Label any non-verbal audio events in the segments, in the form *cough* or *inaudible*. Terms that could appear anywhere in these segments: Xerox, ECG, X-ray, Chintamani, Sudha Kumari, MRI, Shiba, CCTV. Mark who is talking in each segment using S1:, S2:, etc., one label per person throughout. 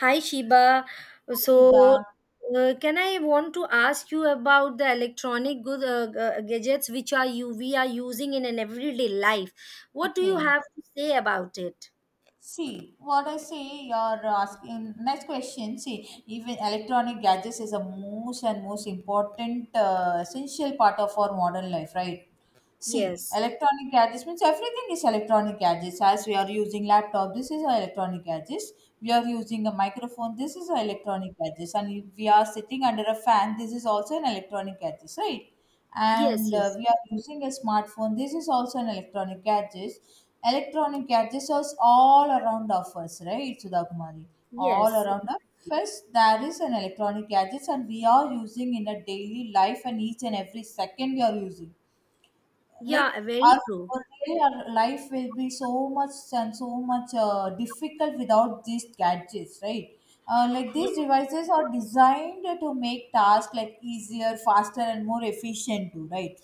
S1: Hi Shiba. So,
S2: Sudha.
S1: can I want to ask you about the electronic gadgets which are you we are using in an everyday life? What do you
S2: Okay.
S1: have to say about it?
S2: See, what I say, you're asking next question. See, even electronic gadgets is a most and most important essential part of our modern life, right? See,
S1: Yes,
S2: electronic gadgets means everything is electronic gadgets. As we are using laptop, this is our electronic gadgets. We are using a microphone, this is our electronic gadgets. And if we are sitting under a fan, this is also an electronic gadget, right?
S1: yes,
S2: And
S1: yes,
S2: we are using a smartphone, this is also an electronic gadget. Electronic gadgets are all around of us, right, Sudha Kumari? All
S1: yes.
S2: around us. First, there is an electronic gadgets and we are using in a daily life, and each and every second we are using,
S1: Yeah,
S2: like,
S1: very
S2: our
S1: true.
S2: our day, our life will be so much and so much difficult without these gadgets, right? Like, these
S1: Yes,
S2: devices are designed to make tasks, like, easier, faster and more efficient too, right?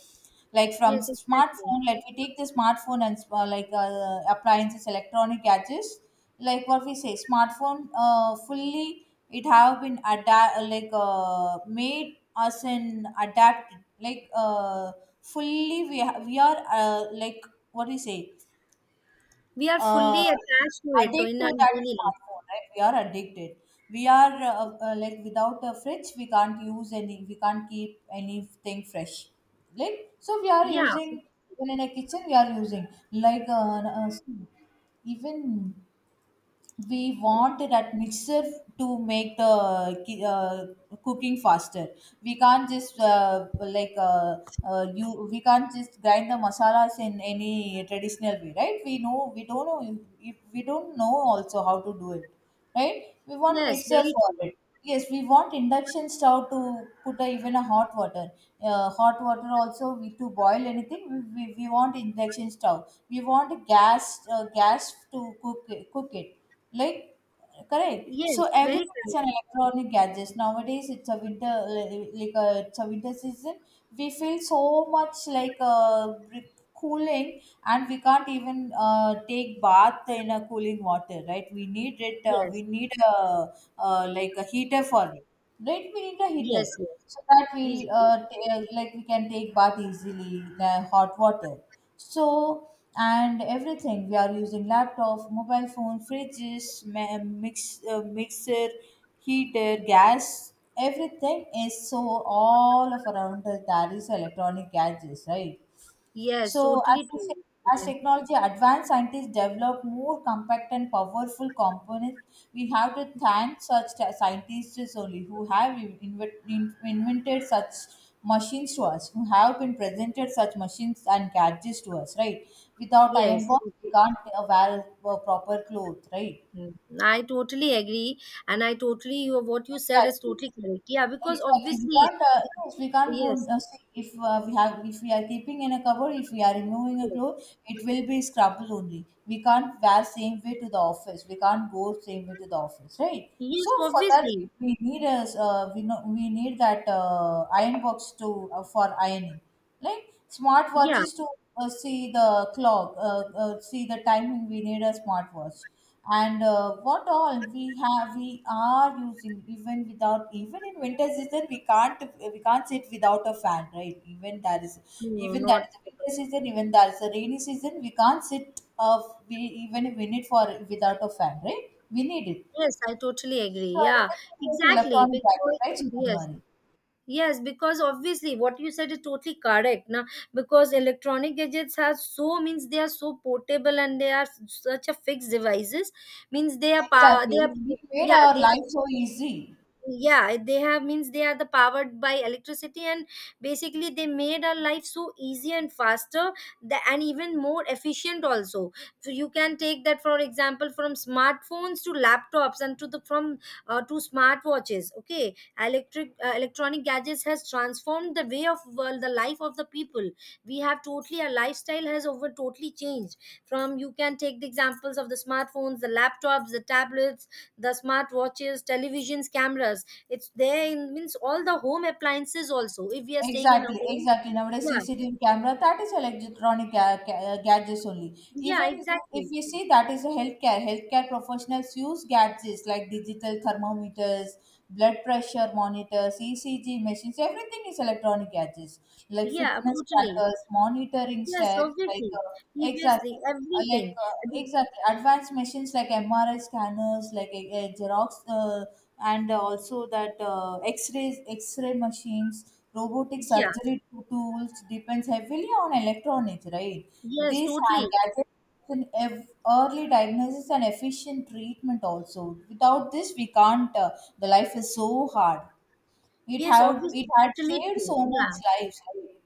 S2: Like, from
S1: yes, exactly.
S2: smartphone, like, we take the smartphone and appliances, electronic gadgets, like, what we say, smartphone fully it have been adapt, like made us an adapt, like fully we we are like, what do you say,
S1: We are fully
S2: uh,
S1: attached to it
S2: addicted
S1: in our
S2: to that
S1: daily life.
S2: smartphone, right? We are addicted. We are like, without a fridge we can't use any, we can't keep anything fresh, like. So we are
S1: Yeah,
S2: using, when in a kitchen we are using, like even we want that mixer to make the cooking faster. We can't just you, we can't just grind the masalas in any traditional way, right? We know, we don't know if, we don't know also how to do it, right? We want
S1: yes,
S2: mixer
S1: very
S2: for
S1: true.
S2: it. Yes, we want induction stove to put a, even a hot water, hot water also, we to boil anything we want induction stove. We want a gas gas to cook it, cook it, like, correct.
S1: Yes,
S2: So
S1: very
S2: everything is
S1: true.
S2: an electronic gadgets nowadays. It's a winter like, it's a winter season. We feel so much, like, re- cooling, and we can't even take bath in a cooling water, right? We need it. We
S1: Yes,
S2: need a, like a heater for it. Red vinegar
S1: yes,
S2: heated,
S1: yes.
S2: so that
S1: Yes,
S2: we'll
S1: yes,
S2: uh, t- uh, like, we can take bath easily, the hot water. So, and everything we are using: laptop, mobile phone, fridges, mixer, heater, gas. Everything is so all of around us. That is electronic gadgets, right?
S1: yes,
S2: So as,
S1: totally true.
S2: as
S1: Yeah.
S2: technology advanced, scientists develop more compact and powerful components. We have to thank such scientists only who have invented such machines to us, who have been presented such machines and gadgets to us, right? Without iron
S1: Yes.
S2: box, we can't wear proper clothes, right?
S1: Mm, I totally agree, and I totally you what you said is
S2: Exactly.
S1: totally correct. Yeah, because
S2: Exactly. We
S1: obviously,
S2: can't. Yes, we can't go.
S1: yes,
S2: See, if we have, if we are keeping in a cupboard, if we are removing a
S1: yes,
S2: clothes, it will be scrubble only. We can't wear same way to the office. We can't go same way to the office, right?
S1: yes,
S2: So for that,
S1: obviously,
S2: we need a. We know we need that iron box to for ironing. Like
S1: yeah,
S2: smartwatches to see the clock, see the timing. We need a smartwatch, and what all we have, we are using even without even in winter season. We can't sit without a fan, right?
S1: no, no,
S2: Even that
S1: not
S2: is a winter season. Even that is a rainy season. We can't sit, we, even if we need for without a fan, right? We need it.
S1: yes, I totally agree.
S2: So
S1: Yeah,
S2: everything is
S1: exactly,
S2: electronic
S1: because
S2: packet, right,
S1: yes,
S2: Chintamani?
S1: yes, because obviously what you said is totally correct. Now, because electronic gadgets are so, means they are so portable and they are such a fixed devices, means they
S2: Exactly.
S1: are,
S2: It made
S1: yeah,
S2: our
S1: they are
S2: life so easy.
S1: yeah, they have, means they are the powered by electricity, and basically they made our life so easy and faster, and even more efficient also. So you can take that for example from smartphones to laptops and to the from to smartwatches. Okay, electric electronic gadgets has transformed the way of, well, the life of the people. We have totally, our lifestyle has over totally changed. From you can take the examples of the smartphones, the laptops, the tablets, the smartwatches, televisions, cameras, it's there in means all the home appliances also if we are staying in a
S2: Exactly,
S1: home.
S2: exactly. Nowadays,
S1: Yeah,
S2: CCTV camera, that is electronic gadgets only.
S1: yeah,
S2: Even if
S1: exactly.
S2: you see, that is a healthcare, professionals use gadgets like digital thermometers, blood pressure monitors, ECG machines. Everything is electronic gadgets, like
S1: Yeah,
S2: fitness
S1: totally.
S2: trackers, monitoring
S1: Yes,
S2: steps. Like,
S1: obviously. Obviously
S2: exactly,
S1: everything.
S2: exactly, advanced machines like MRI scanners, like a Xerox, and also that X-rays, X-ray machines, robotic
S1: Yeah,
S2: surgery tools depends heavily on electronics, right?
S1: yes,
S2: These are
S1: totally.
S2: gadgets in early diagnosis and efficient treatment also. Without this, we can't. The life is so hard. It
S1: Yes,
S2: had it
S1: obviously,
S2: had
S1: totally
S2: saved
S1: true.
S2: so much
S1: Yeah,
S2: lives, right?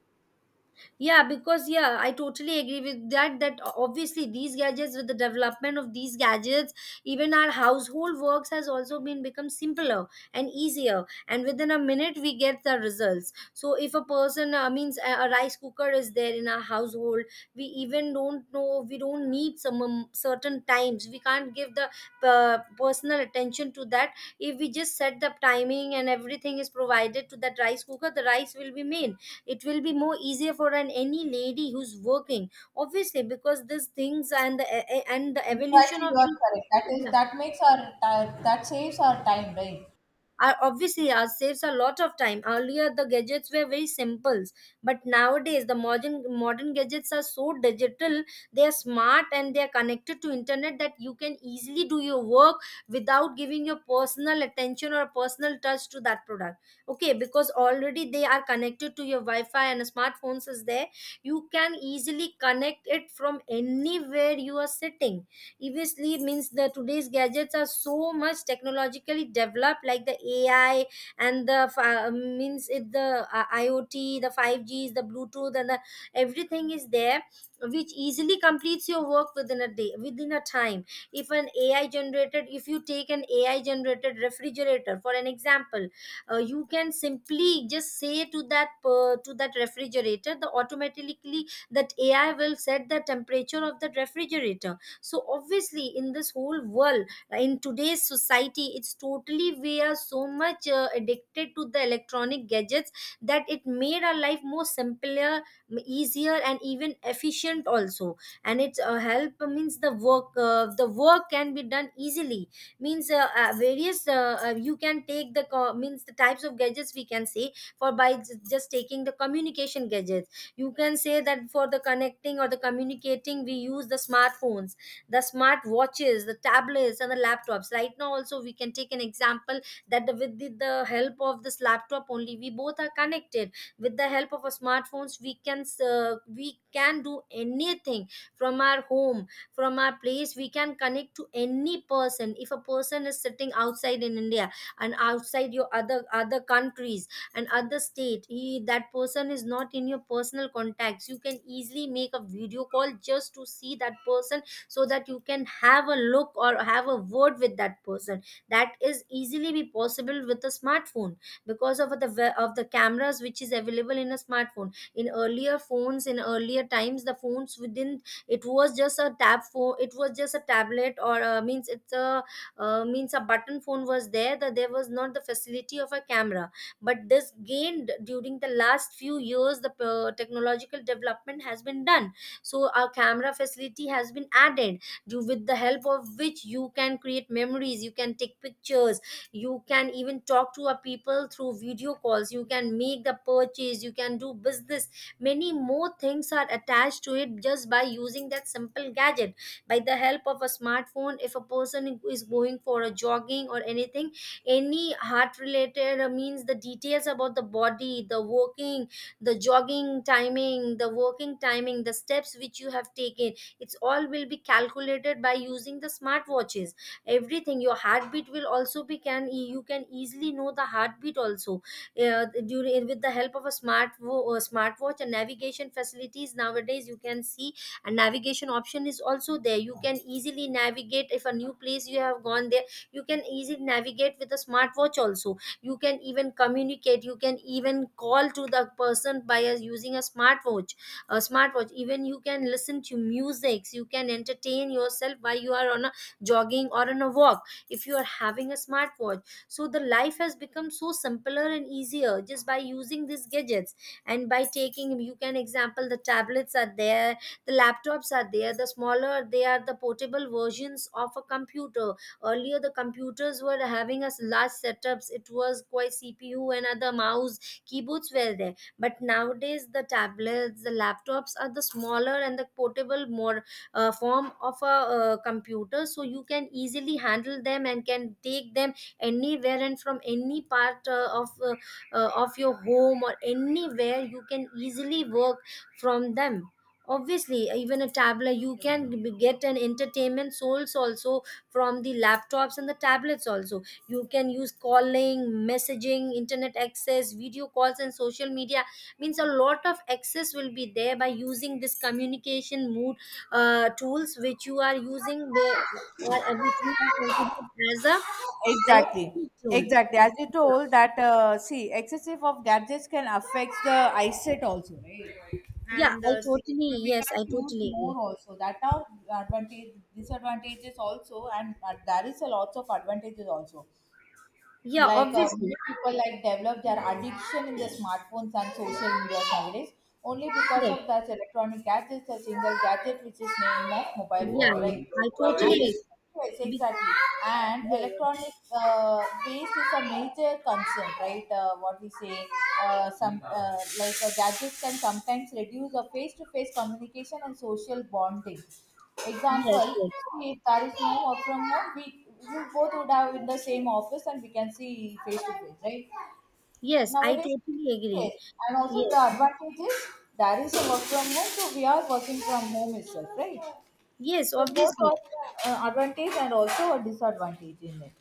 S1: yeah, because yeah, I totally agree with that, that obviously these gadgets, with the development of these gadgets, even our household works has also been become simpler and easier. And within a minute, we get the results. So if a person, means a rice cooker is there in our household, we even don't know we don't need some certain times. We can't give the personal attention to that. If we just set the timing and everything is provided to that rice cooker, the rice will be made, it will be more easier for an any lady who's working, obviously because these things and the and the evolution
S2: Exactly,
S1: of
S2: you are
S1: the,
S2: correct. That is
S1: yeah,
S2: that makes our ti- that saves our time, right?
S1: are obviously, saves a lot of time. Earlier, the gadgets were very simple, but nowadays the modern gadgets are so digital. They are smart and they are connected to internet that you can easily do your work without giving your personal attention or personal touch to that product. Okay, because already they are connected to your Wi-Fi and smartphones is there. You can easily connect it from anywhere you are sitting, obviously means the today's gadgets are so much technologically developed like the AI and means it, the IoT, the 5Gs, the Bluetooth, and the, everything is there which easily completes your work within a day, within a time. If an AI generated, if you take an AI generated refrigerator for an example, you can simply just say to that per to that refrigerator, the automatically that AI will set the temperature of that refrigerator. So obviously in this whole world, in today's society, it's totally, we are so much addicted to the electronic gadgets, that it made our life more simpler, easier, and even efficient also. And it's help means the work can be done easily, means various, you can take means the types of gadgets. We can say for by just taking the communication gadgets, you can say that for the connecting or the communicating we use the smartphones, the smart watches, the tablets, and the laptops. Right now also we can take an example that with the help of this laptop only we both are connected. With the help of our smartphones we can do anything from our home, from our place. We can connect to any person. If a person is sitting outside in India and outside your other countries and other state, he, that person is not in your personal contacts, you can easily make a video call just to see that person, so that you can have a look or have a word with that person. That is easily be possible with a smartphone because of the cameras which is available in a smartphone. In earlier phones, in earlier times, the phones within, it was just a tab phone, it was just a tablet, or means it's a, means a button phone was there, that there was not the facility of a camera. But this gained during the last few years, the technological development has been done, so a camera facility has been added, do with the help of which you can create memories, you can take pictures, you can even talk to a people through video calls, you can make the purchase, you can do business, many more things are attached to it just by using that simple gadget. By the help of a smartphone, if a person is going for a jogging or anything, any heart related, means the details about the body, the working, the jogging timing, the working timing, the steps which you have taken, it's all will be calculated by using the smartwatches. Everything, your heartbeat will also be, can, you can easily know the heartbeat also, during with the help of a smartwatch. And navigation facilities nowadays, you can see a navigation option is also there. You can easily navigate, if a new place you have gone there, you can easily navigate with a smartwatch also. You can even communicate, you can even call to the person by using a smartwatch. A smartwatch, even you can listen to music, you can entertain yourself while you are on a jogging or on a walk if you are having a smartwatch. So the life has become so simpler and easier just by using these gadgets. And by taking, you can example, the tablets are there, the laptops are there, the smaller they are, the portable versions of a computer. Earlier the computers were having us large setups, it was quite CPU and other mouse, keyboards were there, but nowadays the tablets, the laptops are the smaller and the portable more form of a computer, so you can easily handle them and can take them anywhere. And from any part of your home or anywhere you can easily work from them. Obviously, even a tablet you can get an entertainment source also from the laptops and the tablets also. You can use calling, messaging, internet access, video calls, and social media, means a lot of access will be there by using this communication mode tools which you are using, which you are considered as a
S2: Exactly,
S1: electronic tool.
S2: exactly. As you told that, see, excessive of gadgets can affect the eyesight also, right?
S1: Yeah,
S2: And
S1: I
S2: see,
S1: totally,
S2: we
S1: yes, I
S2: can't use
S1: totally agree.
S2: more also. That are advantage disadvantages also, and there is a lots of advantages also.
S1: Yeah,
S2: Like
S1: obviously.
S2: many people like develop their addiction in the smartphones and social media nowadays, only because
S1: Yes.
S2: of that electronic gadgets, a single gadget which is named as mobile
S1: Yeah,
S2: phone,
S1: yeah,
S2: right,
S1: I
S2: and
S1: totally
S2: yes,
S1: agree. Be-,
S2: exactly. And
S1: yeah, yeah.
S2: electronic waste is a major concern, right? What we say, some gadgets can sometimes reduce a face-to-face communication and social bonding.
S1: Yes,
S2: Example,
S1: yes,
S2: if there is no work from home, we both would have in the same office and we can see face to face, right?
S1: yes, I
S2: Nowadays,
S1: totally agree.
S2: yes. And also the
S1: Yes.
S2: advantage is there is a work from home, so we are working from home itself, right?
S1: Yes,
S2: So both
S1: obviously.
S2: are advantage and also a disadvantage in it.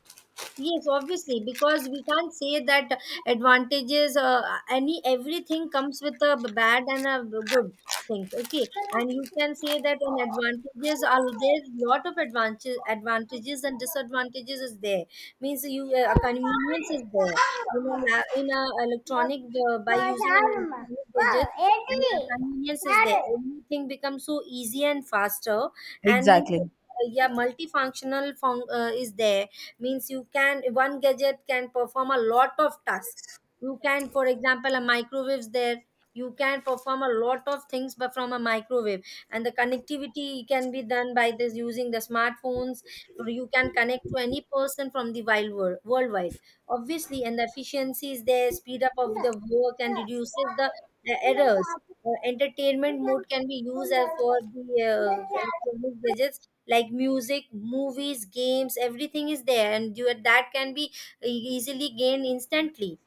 S1: Yes, obviously, because we can't say that advantages, any everything comes with a bad and a good thing. Okay, and you can say that in advantages are there, lot of advantages, advantages and disadvantages is there. Means you, a convenience is there in a electronic, by using an electronic gadget. And convenience is there. Everything becomes so easy and faster, and means
S2: Exactly.
S1: yeah, multifunctional is there, means you can one gadget can perform a lot of tasks. You can for example a microwave's there, you can perform a lot of things but from a microwave. And the connectivity can be done by this using the smartphones. So you can connect to any person from the wild world worldwide, obviously. And the efficiency is there, speed up of the work and reduces the errors. Entertainment mode can be used as for the electronic gadgets like music, movies, games, everything is there and you, that can be e-, easily gained instantly.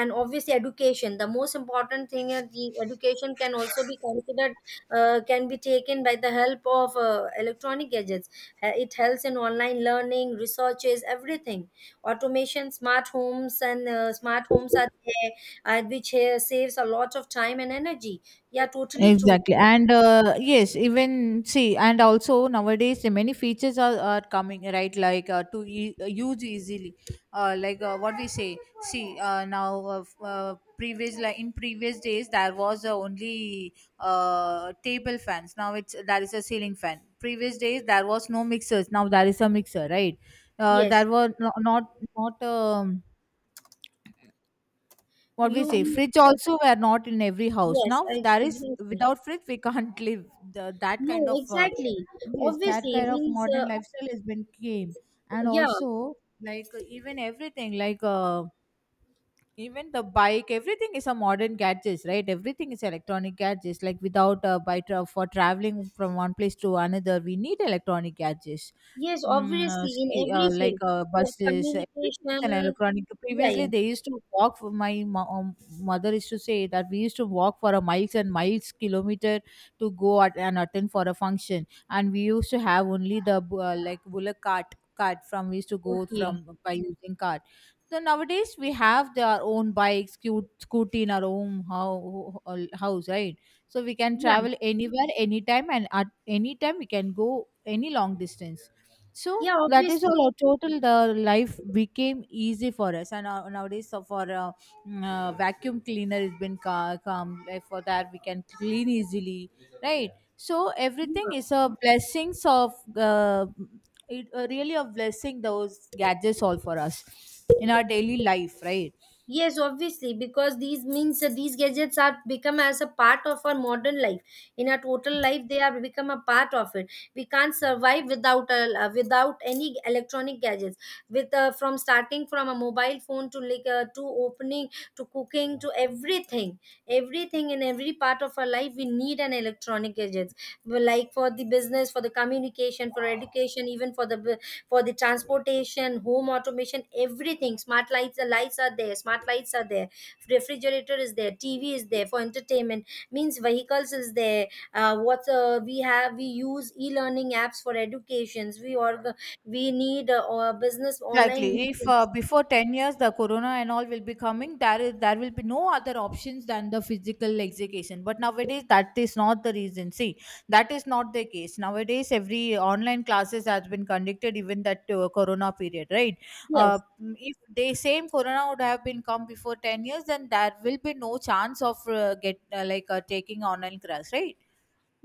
S1: And obviously, education, the most important thing is the education can also be considered, can be taken by the help of electronic gadgets. It helps in online learning, researches, everything, automation, smart homes, and smart homes are there, which saves a lot of time and energy. Yeah, totally true.
S2: Exactly. And yes, even see, and also nowadays the many features are coming, right? Like to use easily. Like what we say, see, now previous, like in previous days, there was only table fans. Now it's, there is a ceiling fan. Previous days, there was no mixers. Now there is a mixer, right?
S1: Yes.
S2: There were not, what we say
S1: You,
S2: fridge also were not in every house.
S1: yes,
S2: Now
S1: ex-
S2: there is,
S1: exactly.
S2: without fridge we *laughs* can't live. That kind
S1: No,
S2: of
S1: exactly.
S2: yes, that
S1: Obviously,
S2: kind of
S1: means,
S2: modern lifestyle has been came. And
S1: yeah,
S2: also, like, even everything, like even the bike, everything is a modern gadgets, right? Everything is electronic gadgets, like without a bike for traveling from one place to another we need electronic gadgets.
S1: yes, obviously, in
S2: See,
S1: every field, for
S2: buses, everything is an
S1: communication,
S2: electronic.
S1: yeah,
S2: Previously,
S1: yeah,
S2: they used to walk for, my mother used to say that we used to walk for a miles and miles, kilometer, to go at, and attend for a function, and we used to have only the like bullock cart, from we used to go
S1: okay,
S2: from by using cart. So nowadays we have their own bikes, cute scooty in our own house, right? So we can
S1: yeah,
S2: travel anywhere, anytime, and at any time we can go any long distance. So
S1: yeah,
S2: that is
S1: obviously,
S2: all. Our total, the life became easy for us, and now nowadays, so for vacuum cleaner has been come, like, for that we can clean easily, right? So
S1: yeah.
S2: everything is a blessings of it really a blessing, those gadgets all for us in our daily life, right?
S1: Yes, obviously, because these means that these gadgets are become as a part of our modern life. In our total life, they are become a part of it. We can't survive without any electronic gadgets. With from starting from a mobile phone to to opening to cooking to everything, everything in every part of our life, we need an electronic gadgets. Well, like for the business, for the communication, for education, even for the transportation, home automation, everything. Smart lights, the lights are there. Smart lights are there. Refrigerator is there. TV is there for entertainment. Means vehicles is there. What we have, we use e-learning apps for educations. We need business online
S2: Exactly. If
S1: meetings.
S2: before 10 years the corona and all will be coming, there will be no other options than the physical education. But nowadays that is not the reason. See, that is not the case. Nowadays every online classes has been conducted even that corona period, right? Uh,
S1: Yes.
S2: if the same corona would have been come before 10 years, then there will be no chance of get taking online class, right?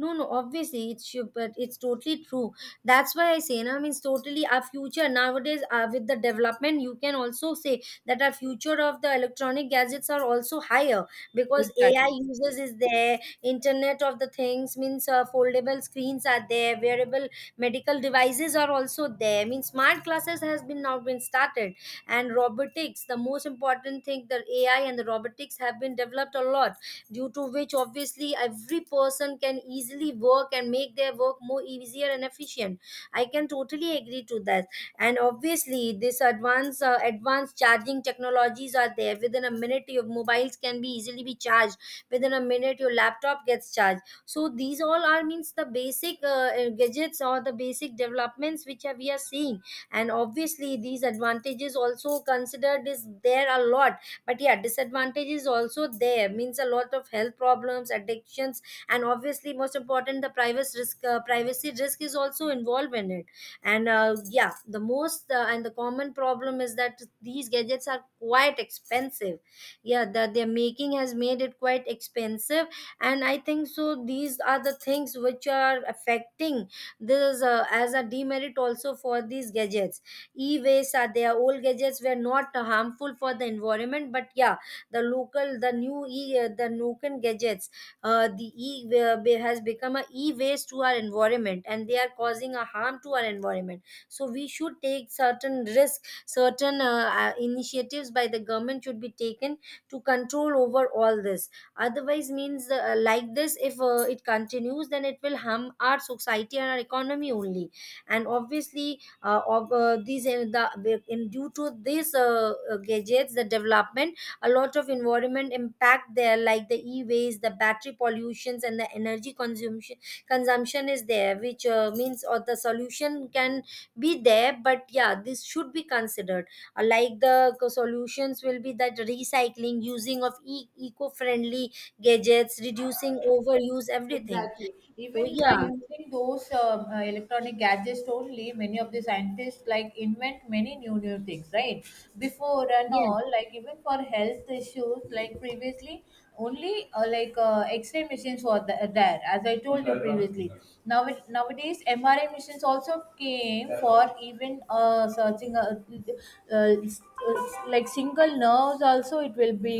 S1: No, no, obviously it's true, but it's totally true. That's why I say, na, means totally our future nowadays with the development, you can also say that our future of the electronic gadgets are also higher because AI
S2: Exactly.
S1: users is there, Internet of the things means foldable screens are there, wearable medical devices are also there. I mean, smart classes has been now been started, and robotics, the most important thing, the AI and the robotics have been developed a lot, due to which obviously every person can easily work and make their work more easier and efficient. I can totally agree to that. And obviously this advanced charging technologies are there. Within a minute your mobiles can be easily be charged, within a minute your laptop gets charged. So these all are means the basic gadgets or the basic developments which are, we are seeing. And obviously these advantages also considered is there a lot, but yeah, disadvantage is also there, means a lot of health problems, addictions, and obviously most important the privacy risk is also involved in it. And yeah, the most, and the common problem is that these gadgets are quite expensive. Yeah, the, their making has made it quite expensive. And I think so these are the things which are affecting this as a demerit also for these gadgets. E-waste are there. Old gadgets were not harmful for the environment, but yeah, the local, the new e the Nokian gadgets, has become a e-waste to our environment, and they are causing a harm to our environment. So we should take certain risk, certain initiatives by the government should be taken to control over all this. Otherwise means like this, if it continues, then it will harm our society and our economy only. And obviously of these in the in due to these gadgets the development, a lot of environment impact there like the e-waste, the battery pollutions, and the energy consumption is there, which means or the solution can be there, but yeah, this should be considered. Like the solutions will be that recycling, using of eco-friendly gadgets, reducing overuse, everything.
S2: Exactly.
S1: So
S2: Even by
S1: yeah.
S2: using those electronic gadgets only, many of the scientists like invent many new things, right? Before and
S1: Yes.
S2: all, like even for health issues, like previously, only X-ray machines were there, as I told you previously. Now nowadays, MRI machines also came for even searching uh, s- like single nerves. Also, it will be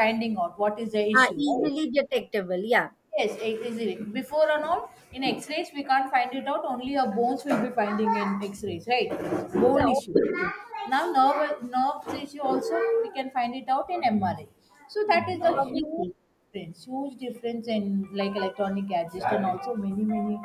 S2: finding out what is the
S1: Are
S2: issue, right?
S1: easily detectable, yeah.
S2: Yes, easily. Before and all, in X-rays we can't find it out. Only our bones will be finding in X-rays, right?
S1: Yeah,
S2: Bone issue.
S1: obviously.
S2: Now nerve issue also we can find it out in MRI. So that is
S1: Yeah,
S2: a
S1: obviously.
S2: huge difference in like electronic gadgets and also many, many.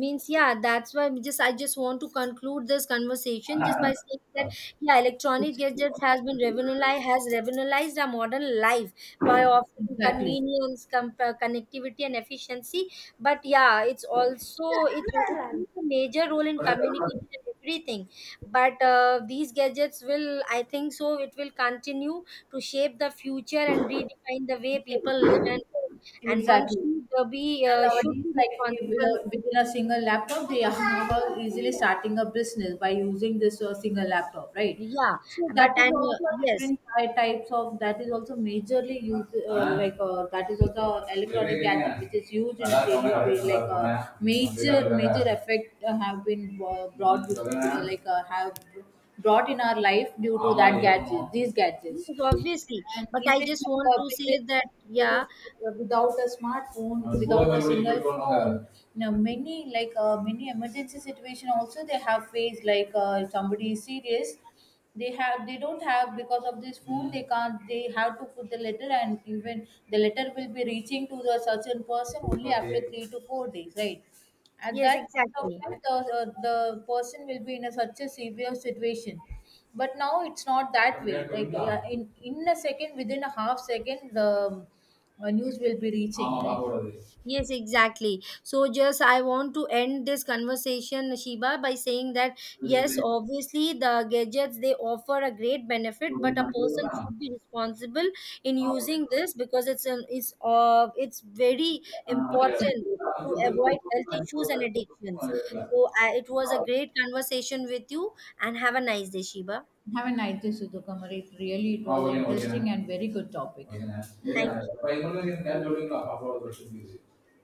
S1: Means yeah, that's why we just I just want to conclude this conversation just by saying that yeah, electronic gadgets has revolutionized our modern life by offering
S2: Exactly.
S1: convenience, connectivity, and efficiency. But yeah, it's also it plays a major role in communication and everything. But these gadgets will, I think so, it will continue to shape the future and redefine the way people live and work. And one
S2: Exactly.
S1: should be
S2: And
S1: should
S2: nowadays,
S1: be
S2: like if,
S1: responsible.
S2: within a single laptop, they are easily starting a business by using this single laptop, right?
S1: Yeah,
S2: So that
S1: but
S2: is
S1: and
S2: also a
S1: yes,
S2: different types of, that is also majorly used, that is also electronic gadget which is used in a daily way, like major major effect have been brought with, have brought in our life due to that gadget, these gadgets.
S1: yes, obviously.
S2: And
S1: But I
S2: even
S1: just
S2: like,
S1: want to say
S2: previous
S1: that, yeah,
S2: photos, without a smartphone, without a single phone, many, like many emergency situation also they have faced, like if somebody is serious. They don't have because of this phone, they can't they have to put the letter, and even the letter will be reaching to the certain person only after, okay, 3 to 4 days, right? At
S1: yes,
S2: that point of
S1: exactly.
S2: time, the person will be in a, such a severe situation. But now it's not that way, like in a second, within a half second the um, news will be reaching,
S1: Yes, exactly. So, just I want to end this conversation, Shiba, by saying that yes,
S2: like,
S1: obviously, the gadgets they offer a great benefit, but a person should be responsible in using this because it's an it's very
S2: exactly
S1: important to
S2: *laughs*
S1: avoid health issues and addictions. So, I it was a great conversation with you, and have a nice day, Shiba.
S2: have a nice day, Sudhukamari. It was interesting and very good topic.
S1: Thank you.